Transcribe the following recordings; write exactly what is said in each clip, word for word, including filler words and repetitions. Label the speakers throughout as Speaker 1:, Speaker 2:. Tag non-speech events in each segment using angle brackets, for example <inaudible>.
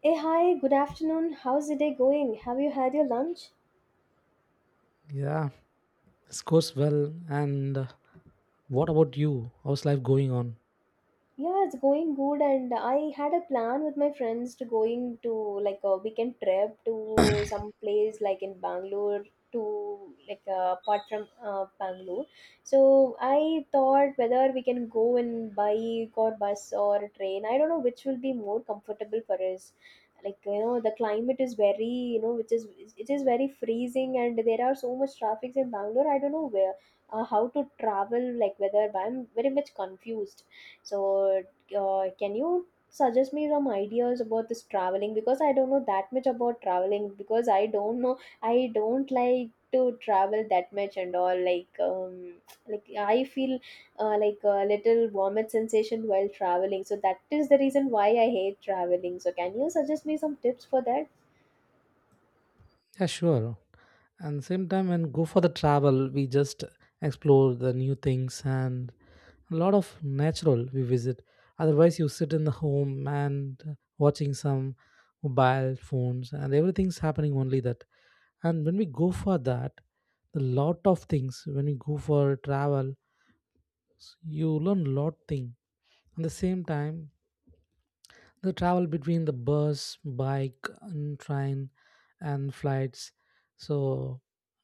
Speaker 1: Hey, hi, good afternoon. How's the day going? Have you had your lunch?
Speaker 2: Yeah, this goes well. And uh, what about you? How's life going on?
Speaker 1: Yeah, it's going good, and I had a plan with my friends to going to like a weekend trip to some place like in Bangalore to like uh, apart from uh, Bangalore. So I thought whether we can go in bike or bus or train. I don't know which will be more comfortable for us. Like, you know, the climate is very, you know, which is it is very freezing, and there are so much traffic in Bangalore. I don't know where, uh, how to travel. Like whether, I'm very much confused, so, uh, can you suggest me some ideas about this traveling? Because I don't know that much about traveling. Because I don't know, I don't like to travel that much and all, like, um like I feel uh, like a little vomit sensation while traveling, so that is the reason why I hate traveling. So can you suggest me some tips for that?
Speaker 2: Yeah, sure. And same time, when go for the travel, we just explore the new things and a lot of natural we visit. Otherwise, you sit in the home and uh, watching some mobile phones, and everything's happening only that. And when we go for that, the lot of things when we go for travel, you learn lot thing. At the same time, the travel between the bus, bike, and train and flights. So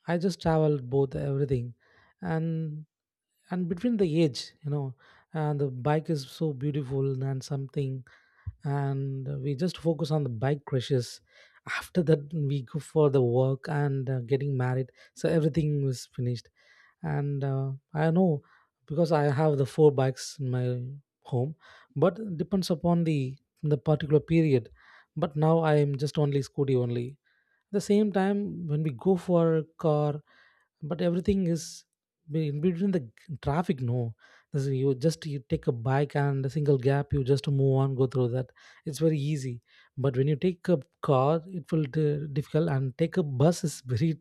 Speaker 2: I just traveled both everything, and and between the age, you know, and the bike is so beautiful and something, and we just focus on the bike crushes. After that, we go for the work and uh, getting married. So everything was finished and uh, I know because I have the four bikes in my home, but it depends upon the the particular period. But now I am just only scooty only at the same time when we go for a car. But everything is be- in between the g- traffic, no? This is- you just you take a bike and a single gap, you just move on, go through that. It's very easy. But when you take a car, it will di difficult, and take a bus is very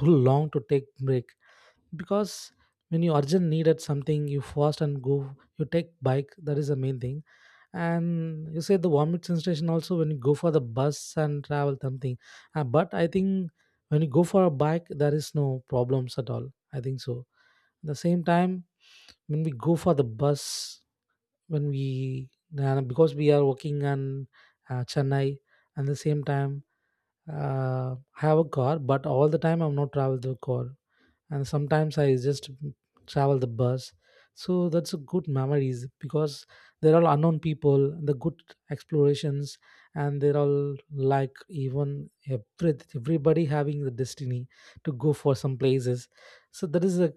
Speaker 2: too long to take break, because when you urgent needed something, you fast and go, you take bike. That is the main thing. And you say the vomit sensation also when you go for the bus and travel something. Uh, but I think when you go for a bike, there is no problems at all, I think so. At the same time, when we go for the bus, when we uh, because we are working in uh, Chennai. And the same time, uh, I have a car, but all the time I'm not travel the car, and sometimes I just travel the bus. So that's a good memories, because they're all unknown people, the good explorations. And they're all like even every, everybody having the destiny to go for some places. So that is a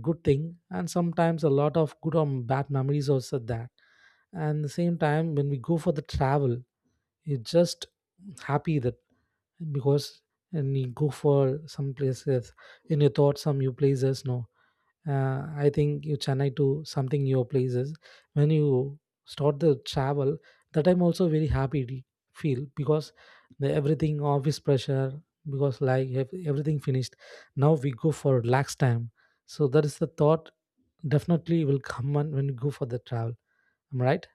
Speaker 2: good thing, and sometimes a lot of good or bad memories also that. And the same time when we go for the travel, you're just happy, that because when you go for some places and you thought some new places, no? uh, I think you Chennai to something new places. When you start the travel, that I'm also very happy to feel, because the everything office pressure, because like ev- everything finished, now we go for relax time. So that is the thought, definitely will come on when you go for the travel. Am I right?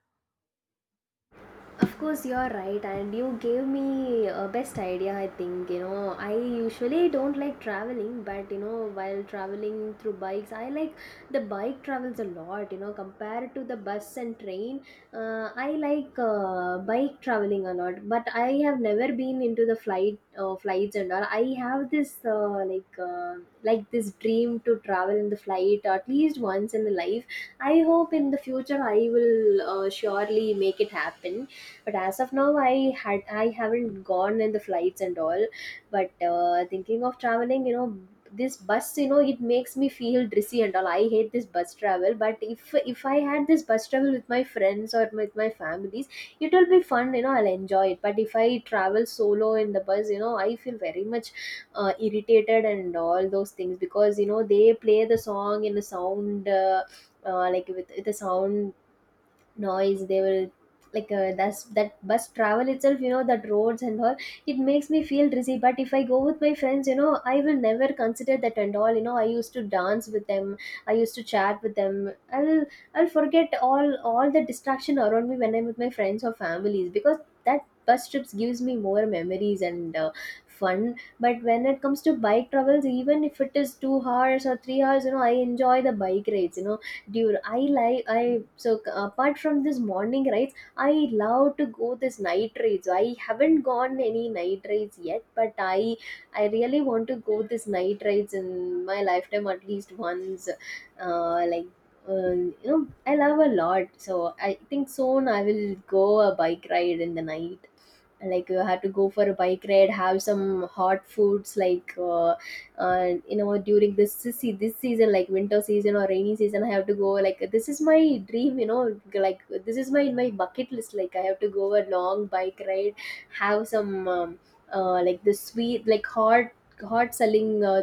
Speaker 1: Of course, you're right, and you gave me a best idea. I think, you know, I usually don't like traveling, but you know, while traveling through bikes, I like the bike travels a lot. You know, compared to the bus and train, uh, I like uh, bike traveling a lot. But I have never been into the flight, uh, flights and all. I have this uh, like uh, like this dream to travel in the flight at least once in the life. I hope in the future I will uh, surely make it happen, but as of now, i had i haven't gone in the flights and all, but uh, thinking of traveling, you know, this bus, you know, it makes me feel drizzy and all. I hate this bus travel, but if if I had this bus travel with my friends or with my families, it will be fun. You know, I'll enjoy it, but if I travel solo in the bus, you know, I feel very much uh, irritated and all those things, because you know they play the song in the sound, uh, uh, like, with, with the sound noise they will, like, uh, that's that bus travel itself. You know, that roads and all, it makes me feel dizzy. But if I go with my friends, you know, I will never consider that and all. You know, I used to dance with them, I used to chat with them. I'll i'll forget all all the distraction around me when I'm with my friends or families, because that bus trips gives me more memories and uh, fun. But when it comes to bike travels, even if it is two hours or three hours, you know I enjoy the bike rides, you know, dude, I like I, so apart from this morning rides, I love to go this night rides. I haven't gone any night rides yet, but i i really want to go this night rides in my lifetime at least once. Uh like, um, you know, I love a lot, so I think soon I will go a bike ride in the night, like, uh, had to go for a bike ride, have some hot foods, like, uh, uh, you know, during this se- this season, like winter season or rainy season, I have to go. Like, this is my dream, you know, like this is my my bucket list. Like, I have to go a long bike ride, have some um, uh, like the sweet, like hot, hot selling uh,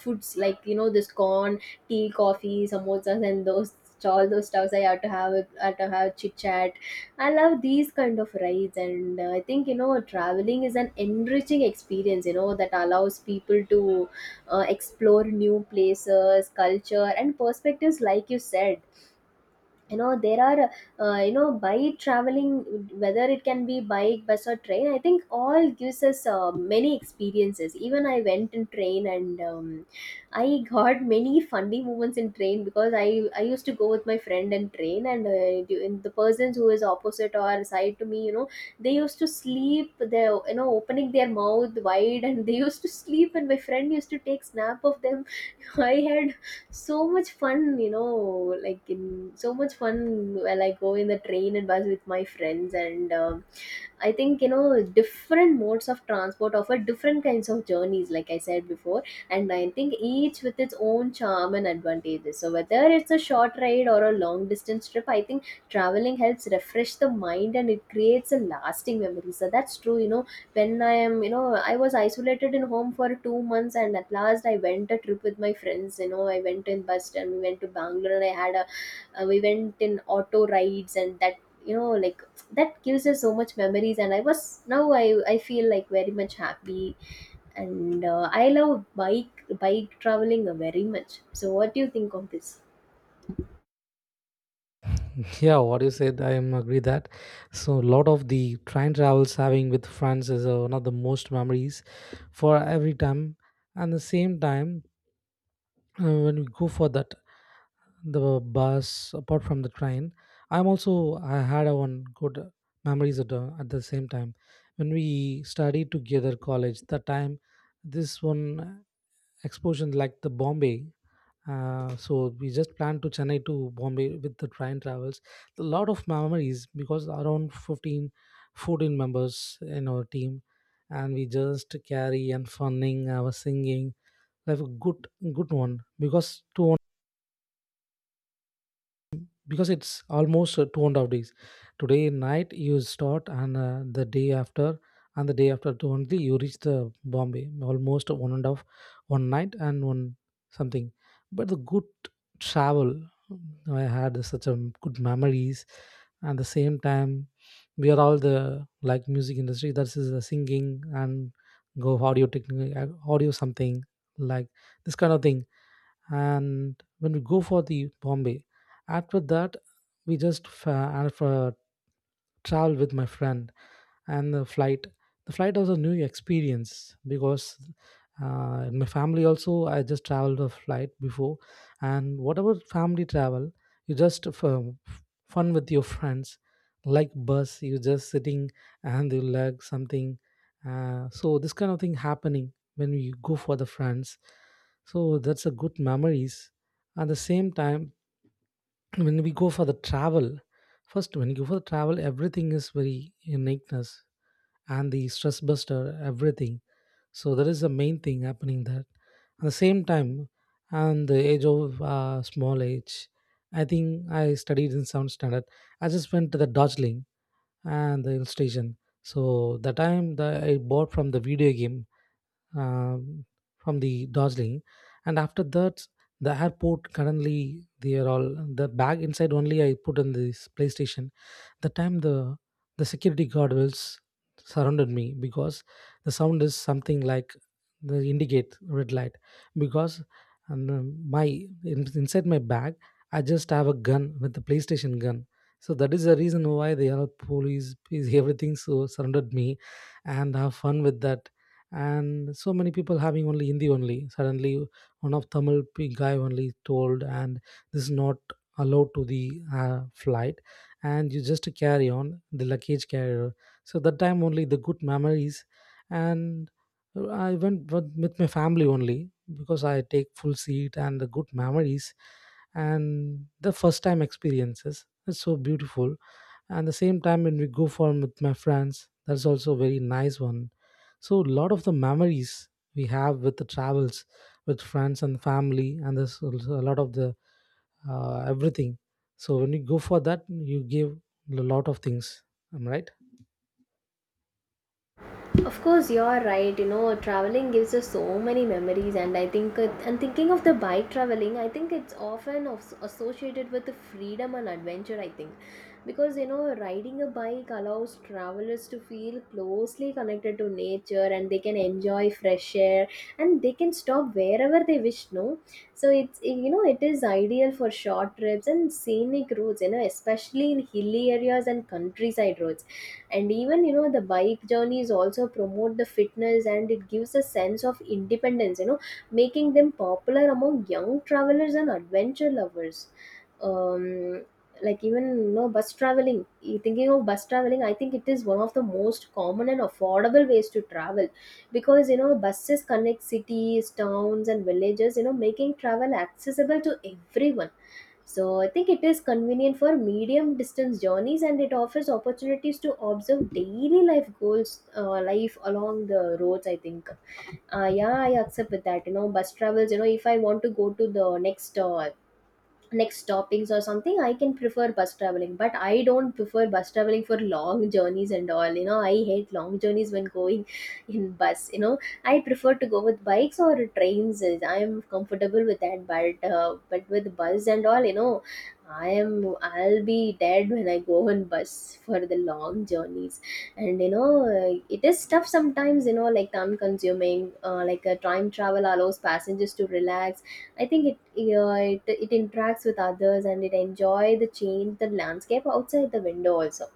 Speaker 1: foods, like, you know, this corn, tea, coffee, samosas, and those, all those stuffs I have to have. I have to have chit chat. I love these kind of rides, and uh, I think, you know, traveling is an enriching experience. You know, that allows people to uh, explore new places, culture, and perspectives, like you said. You know there are, uh, you know, by traveling, whether it can be bike, bus, or train, I think all gives us uh, many experiences. Even I went in train and, um, I got many funny moments in train, because i i used to go with my friend in train and, uh, du- and the persons who is opposite or side to me, you know, they used to sleep, they, you know, opening their mouth wide and they used to <laughs> sleep and my friend used to take snap of them. I had so much fun, you know, like, in so much fun while I go in the train and bus with my friends, and uh, I think, you know, different modes of transport offer different kinds of journeys, like I said before, and I think each with its own charm and advantages. So whether it's a short ride or a long distance trip, I think traveling helps refresh the mind and it creates a lasting memory. So that's true. You know, when I am, you know, I was isolated in home for two months, and at last I went a trip with my friends. You know, I went in bus and we went to Bangalore, and I had a, uh, we went in auto rides and that. You know, like, that gives us so much memories and I was, now i i feel like very much happy, and uh, I love bike bike traveling very much. So what do you think of this?
Speaker 2: <laughs> Yeah, what you said, I am agree that. So a lot of the train travels having with friends is uh, one of the most memories for every time. And the same time, uh, when we go for that, the bus apart from the train, I'm also I had a one good memories at the, at the same time when we studied together college. That time, this one exposure like the Bombay. Uh, so we just planned to Chennai to Bombay with the train travels. A lot of memories because around fifteen, fourteen members in our team, and we just carry and funning our singing. Have a good, good one, because two because it's almost uh, two and a half days. Today night you start, and uh, the day after, and the day after to only you reach the Bombay. Almost one and a half, one night and one something. But the good travel, mm, I had such a good memories. And the same time, we are all the like music industry, that is the singing and go audio technique, uh, audio something, like this kind of thing. And when we go for the Bombay, after that, we just fa- uh, for travel with my friend and the flight. The flight was a new experience because uh, in my family also I just traveled a flight before. And whatever family travel, you just f- um, f- fun with your friends, like bus you just sitting and you like something. Uh, so this kind of thing happening when we go for the friends. So that's a good memories. At the same time, when we go for the travel, first when you go for the travel, everything is very uniqueness and the stress buster, everything. So that is the main thing happening there. At the same time, and the age of uh, small age, I think I studied in sound standard, I just went to the Darjeeling and the hill station. So the time that I bought from the video game, um, from the Darjeeling, and after that, the airport currently, they are all the bag inside only, I put in this PlayStation. The time the the security guard was surrounded me, because the sound is something like the indicate red light, because and um, my in- inside my bag I just have a gun, with the PlayStation gun. So that is the reason why the are police is everything so surrounded me, and have fun with that. And so many people having only Hindi only, suddenly one of tamil pe- guy only told, and this is not allowed to the uh, flight, and you just carry on the luggage carrier. So that time only the good memories, and I went with with my family only, because I take full seat, and the good memories and the first time experiences. It's so beautiful. And the same time when we go for with my friends, that's also very nice one. So a lot of the memories we have with the travels, with friends and family, and there's also a lot of the uh, everything. So when you go for that, you give a lot of things. Am I right?
Speaker 1: Of course, you're right. You know, traveling gives us so many memories, and I think, uh, and thinking of the bike traveling, I think it's often of- associated with the freedom and adventure. I think, because you know, riding a bike allows travelers to feel closely connected to nature, and they can enjoy fresh air, and they can stop wherever they wish. No, so it's, you know, it is ideal for short trips and scenic routes. You know, especially in hilly areas and countryside roads, and even, you know, the bike journeys also promote the fitness and it gives a sense of independence, you know, making them popular among young travelers and adventure lovers. um like, even, you know, bus traveling, you thinking of bus traveling, I think it is one of the most common and affordable ways to travel, because you know buses connect cities, towns, and villages, you know, making travel accessible to everyone. So I think it is convenient for medium distance journeys and it offers opportunities to observe daily life goals, uh, life along the roads. I think, uh, yeah, I accept with that. You know, bus travels, you know, if I want to go to the next uh, like stoppings or something, I can prefer bus traveling, but I don't prefer bus traveling for long journeys and all. You know, I hate long journeys when going <laughs> in bus, you know. I prefer to go with bikes or trains. I am comfortable with that, but uh, but with bus and all, you know, i am i'll be dead when I go on bus for the long journeys. And you know, uh, it is tough sometimes, you know, like time consuming, uh, like a time travel allows passengers to relax. I think it, yeah, it it interacts with others and it enjoy the change, the landscape outside the window also.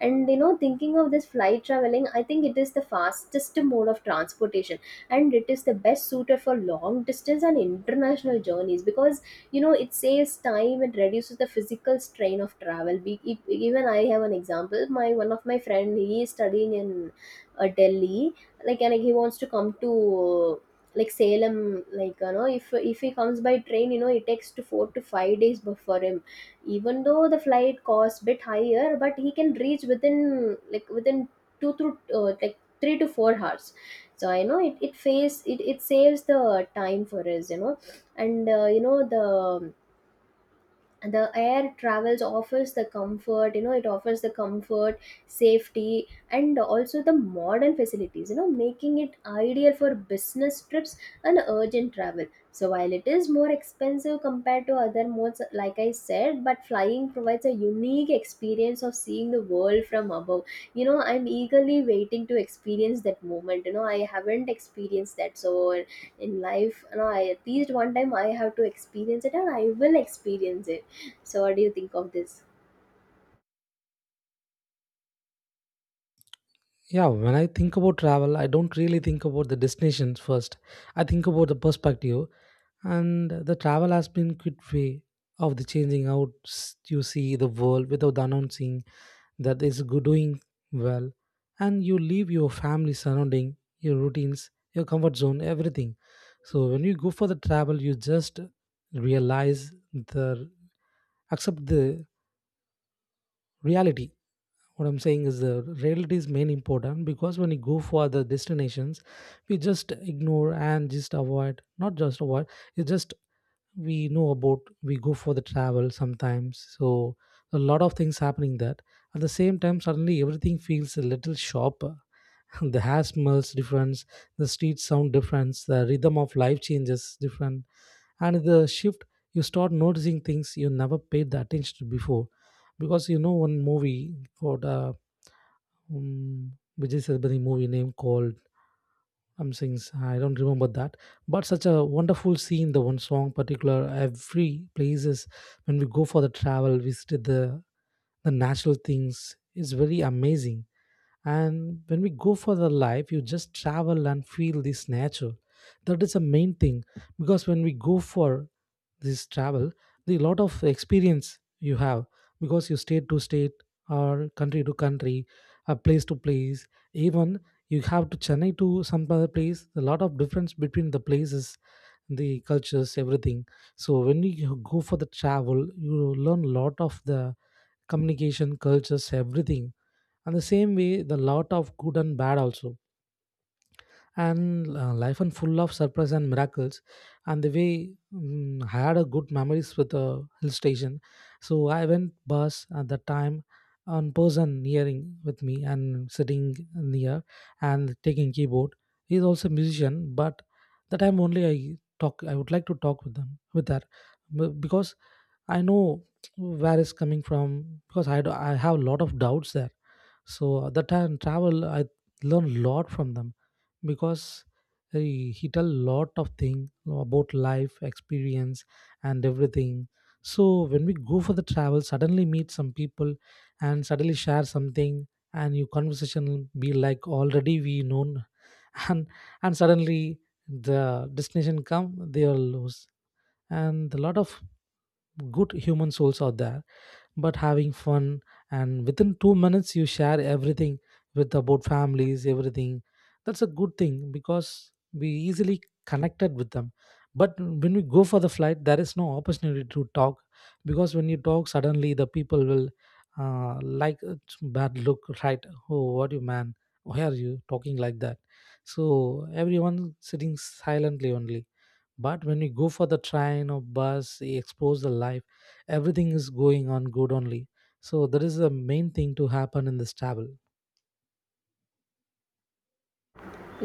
Speaker 1: And you know, thinking of this flight traveling, I think it is the fastest mode of transportation and it is the best suited for long distance and international journeys, because you know it saves time and reduces the physical strain of travel. Be, e- even I have an example. My one of my friend, he is studying in uh, Delhi, like, and he wants to come to like Salem, like, you know, if if he comes by train, you know, it takes to four to five days bu- for him. Even though the flight costs bit higher, but he can reach within, like, within two to uh, like three to four hours. So I know it, it saves it, it saves the time for us, you know, and uh, you know, the the air travels offers the comfort. You know, it offers the comfort, safety, and also the modern facilities, you know, making it ideal for business trips and urgent travel. So while it is more expensive compared to other modes, like I said, but flying provides a unique experience of seeing the world from above. You know, I'm eagerly waiting to experience that moment. You know, I haven't experienced that, so in life, you know, I, at least one time I have to experience it and I will experience it. So, what do you think of this?
Speaker 2: Yeah, when I think about travel, I don't really think about the destinations first. I think about the perspective, and the travel has been good way of the changing out, s- you see the world without announcing. That is good doing well. And you leave your family, surrounding, your routines, your comfort zone, everything. So when you go for the travel, you just realize the, accept the reality. What I'm saying is the reality is main important, because when you go for the destinations, we just ignore and just avoid, not just avoid, you just, we know about, we go for the travel sometimes. So a lot of things happening that, at the same time, suddenly everything feels a little sharper. <laughs> The hair smells different, the streets sound different, the rhythm of life changes different. And the shift, you start noticing things you never paid the attention to before. Because you know one movie called uh, um, Vijay Sethupathi movie name called, I'm saying, s- I don't remember that, but such a wonderful scene. The one song particular, every places when we go for the travel, visit the the natural things is very amazing. And when we go for the life, you just travel and feel this nature. That is the main thing. Because when we go for this travel, the lot of experience you have, because you state to state or country to country, a place to place. Even you have to Chennai to some other place, a lot of difference between the places, the cultures, everything. So when you go for the travel, you learn lot of the communication, cultures, everything. And the same way, the lot of good and bad also. And uh, life and full of surprise and miracles. And the way, mm, I had a good memories with the hill station. So I went bus at that time, on person nearing with me and sitting near and taking keyboard. He's also a musician. But that time only I talk, I would like to talk with them, with her, b- because I know where it's coming from, because I, do, I have a lot of doubts there. So the time travel, I learn a lot from them, because he, he tell lot of thing about life, experience, and everything. So when we go for the travel, suddenly meet some people and suddenly share something, and your conversation be like already we known, <laughs> and and suddenly the destination come they are lost, and a lot of good human souls out there but having fun, and within two minutes you share everything with about families everything. That's a good thing because we easily connected with them. But when we go for the flight there is no opportunity to talk, because when you talk suddenly the people will uh, like uh, bad look, right? Oh, what you man, why are you talking like that? So everyone sitting silently only. But when you go for the train or bus you expose the life, everything is going on good only. So that is the main thing to happen in this travel,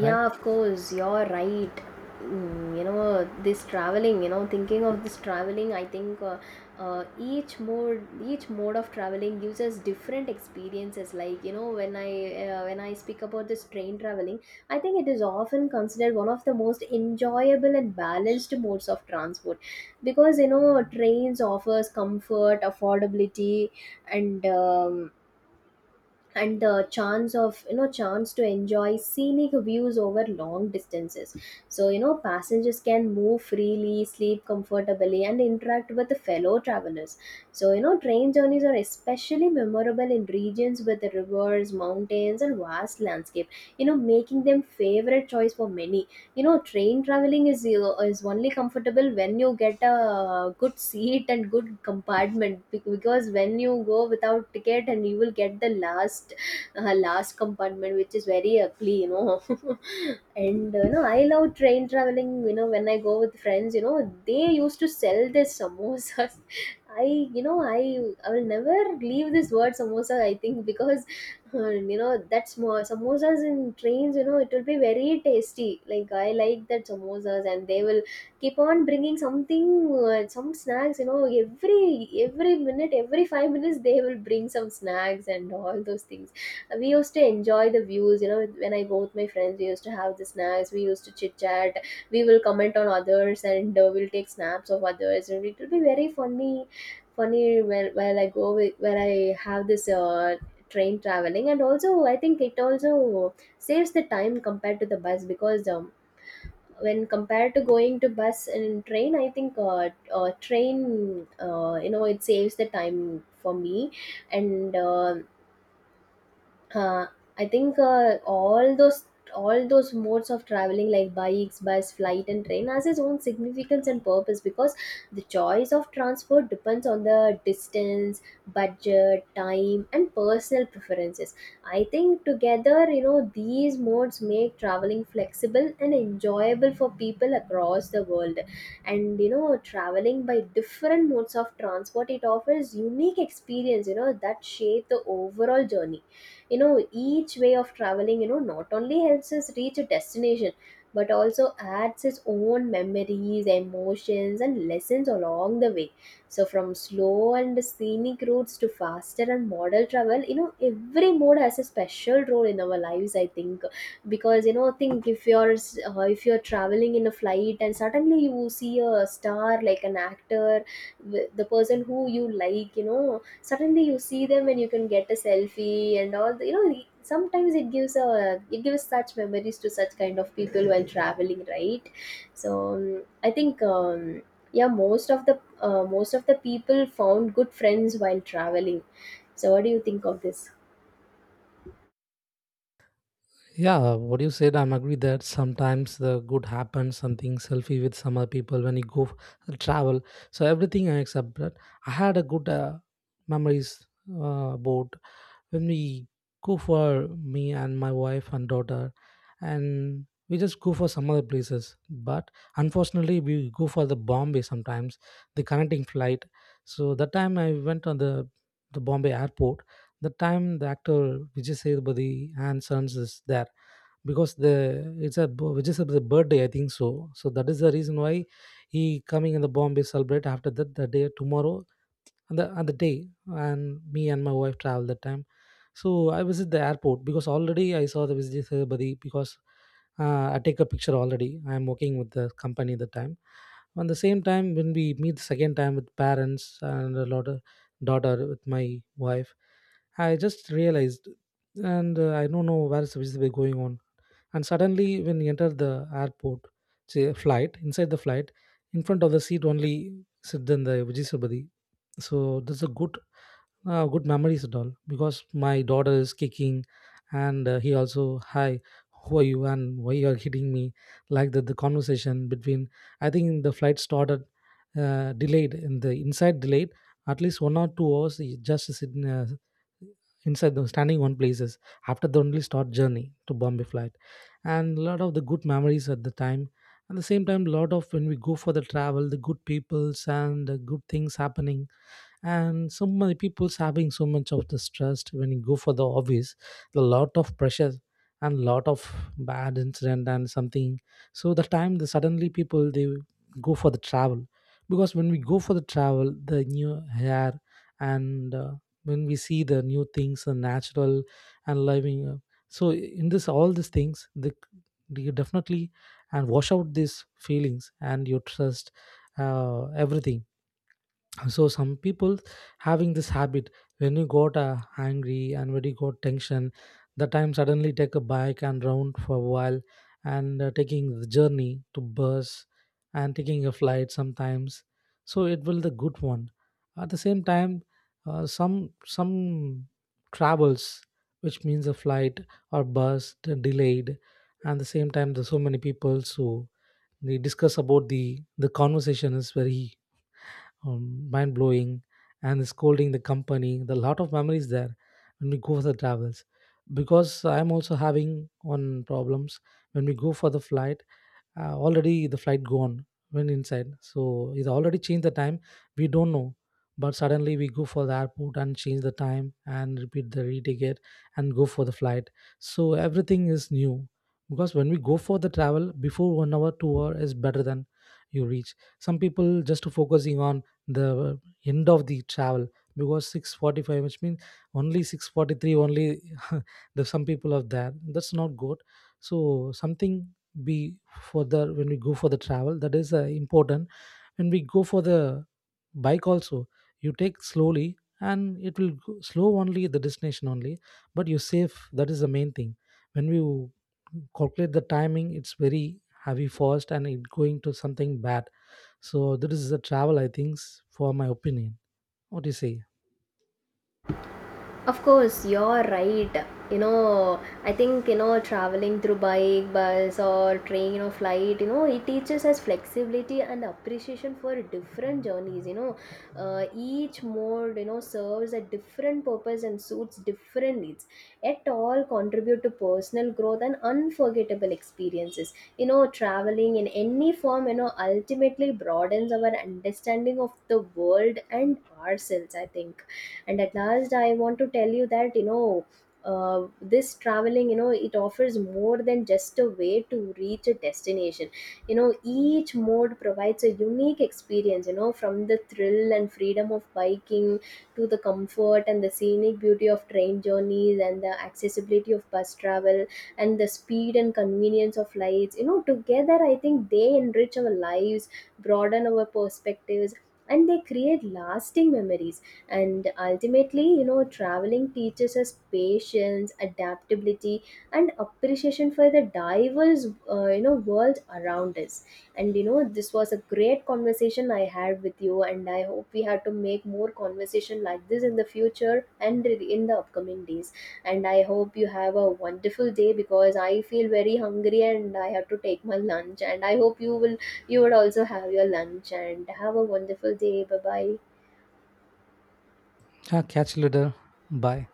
Speaker 2: right?
Speaker 1: of course, you're right. Mm, you know, this traveling, you know, thinking of this traveling, I think uh, uh, each mode, each mode of traveling gives us different experiences. Like, you know, when I uh, when I speak about this train traveling, I think it is often considered one of the most enjoyable and balanced modes of transport because you know trains offers comfort, affordability, and um, and the chance of you know chance to enjoy scenic views over long distances. So you know passengers can move freely, sleep comfortably, and interact with the fellow travelers. So you know train journeys are especially memorable in regions with rivers, mountains, and vast landscape, you know making them favorite choice for many. You know train traveling is you is only comfortable when you get a good seat and good compartment bec- because when you go without ticket and you will get the last uh, last compartment which is very ugly you know. <laughs> And uh, you know I love train traveling, you know when I go with friends, you know they used to sell this samosas. <laughs> I you know i i will never leave this word samosa, I think. Because, huh, and you know that's small samosas in trains, you know, it will be very tasty. Like I like that samosas, and they will keep on bringing something, uh, some snacks. You know, every every minute, every five minutes, they will bring some snacks and all those things. Uh, We used to enjoy the views. You know, when I go with my friends, we used to have the snacks. We used to chit chat. We will comment on others, and uh, we'll take snaps of others, and it will be very funny funny when while I go with where I have this uh, train traveling. And also I think it also saves the time compared to the bus because um, when compared to going to bus and train, I think uh, uh, train uh, you know it saves the time for me. And uh, uh, I think, uh, all those all those modes of traveling like bikes, bus, flight, and train has its own significance and purpose, because the choice of transport depends on the distance, budget, time, and personal preferences. I think together, you know, these modes make traveling flexible and enjoyable for people across the world. And you know, traveling by different modes of transport, it offers unique experience, you know, that shape the overall journey. You know each way of traveling, you know, not only helps us reach a destination, but also adds its own memories, emotions, and lessons along the way. So from slow and scenic routes to faster and model travel, you know every mode has a special role in our lives, I think. Because you know think if you're s- uh, if you're traveling in a flight and suddenly you see a star, like an actor, w- the person who you like, you know, suddenly you see them and you can get a selfie and all the, you know, sometimes it gives a it gives such memories to such kind of people while traveling, right? So um, I think, um, yeah, most of the uh, most of the people found good friends while traveling. So what do you think of this?
Speaker 2: Yeah, what you said, I'm agree that sometimes the good happens, something selfie with some other people when you go f- travel. So everything except that, I had a good uh, memories uh, about when we go. For me and my wife and daughter, and we just go for some other places, but unfortunately we go for the Bombay sometimes, the connecting flight. So that time I went on the the Bombay airport. That time the actor Vijay Sethupathi and sons is there, because the it's a b- Vijay Sethupathi birthday I think so. So that is the reason why he coming in the Bombay celebrate after that, the day tomorrow and the, on the day. And me and my wife travel that time. So I was at the airport because already I saw the visitor buddy, because uh, I take a picture already. I am working with the company the time. On the same time, when we meet the second time with parents and a lot of daughter with my wife, I just realized, and uh, I don't know where is the visitor buddy going on. And suddenly, when you enter the airport, say flight inside the flight, in front of the seat only sit then the visitor buddy. So that's a good uh, good memories at all, because my daughter is kicking, and uh, he also hi, who are you and why you are hitting me, like that the conversation between. I think the flight started uh, delayed in the inside delayed at least one or two hours. He just sitting uh, inside the standing on places. After the only start journey to Bombay flight, and a lot of the good memories at the time. At the same time lot of when we go for the travel, the good peoples and the good things happening. And so many people's having so much of the stress when you go for the office, a lot of pressure and lot of bad incident and something. So the time the suddenly people they go for the travel, because when we go for the travel the new hair, and uh, when we see the new things the natural and living uh, so in this all these things the you definitely and wash out these feelings and your trust, uh, everything. So some people having this habit, when you got uh, angry and when you got tension, the time suddenly take a bike and round for a while, and uh, taking the journey to bus, and taking a flight sometimes. So it will the good one. At the same time uh, some some travels, which means a flight or bus de- delayed, and the same time there's so many people, so they discuss about the the conversation is very um, mind blowing, and scolding the company. The lot of memories there when we go for the travels, because I'm also having one problems. When we go for the flight, uh, already the flight gone, went inside, so it already changed the time, we don't know. But suddenly we go for the airport and change the time and repeat the re-ticket and go for the flight. So everything is new, because when we go for the travel before one hour two hour is better than you reach. Some people just focusing on the end of the travel, because six forty-five which means only six forty-three only, <laughs> the some people are there, that's not good. So something be for the when we go for the travel, that is uh, important. When we go for the bike also, you take slowly and it will go slow only the destination only, but you save, that is the main thing. When you calculate the timing it's very heavy fast and it going to something bad. So that is the travel I think, for my opinion. What do you say?
Speaker 1: Of course, you're right. You know, I think, you know, traveling through bike, bus, or train or flight, you know, it teaches us flexibility and appreciation for different journeys. You know, uh, each mode, you know, serves a different purpose and suits different needs. Yet, all contribute to personal growth and unforgettable experiences. You know, traveling in any form, you know, ultimately broadens our understanding of the world and ourselves, I think. And at last I want to tell you that, you know, uh, this traveling, you know, it offers more than just a way to reach a destination. You know each mode provides a unique experience, you know, from the thrill and freedom of biking to the comfort and the scenic beauty of train journeys, and the accessibility of bus travel, and the speed and convenience of flights. You know together I think they enrich our lives, broaden our perspectives, and they create lasting memories. And ultimately, you know, traveling teaches us patience, adaptability, and appreciation for the diverse uh, you know world around us. And you know this was a great conversation I had with you, and I hope we have to make more conversation like this in the future and in the upcoming days. And I hope you have a wonderful day, because I feel very hungry and I have to take my lunch, and I hope you will you would also have your lunch and have a wonderful day. Bye bye.
Speaker 2: Ah, catch you later. Bye.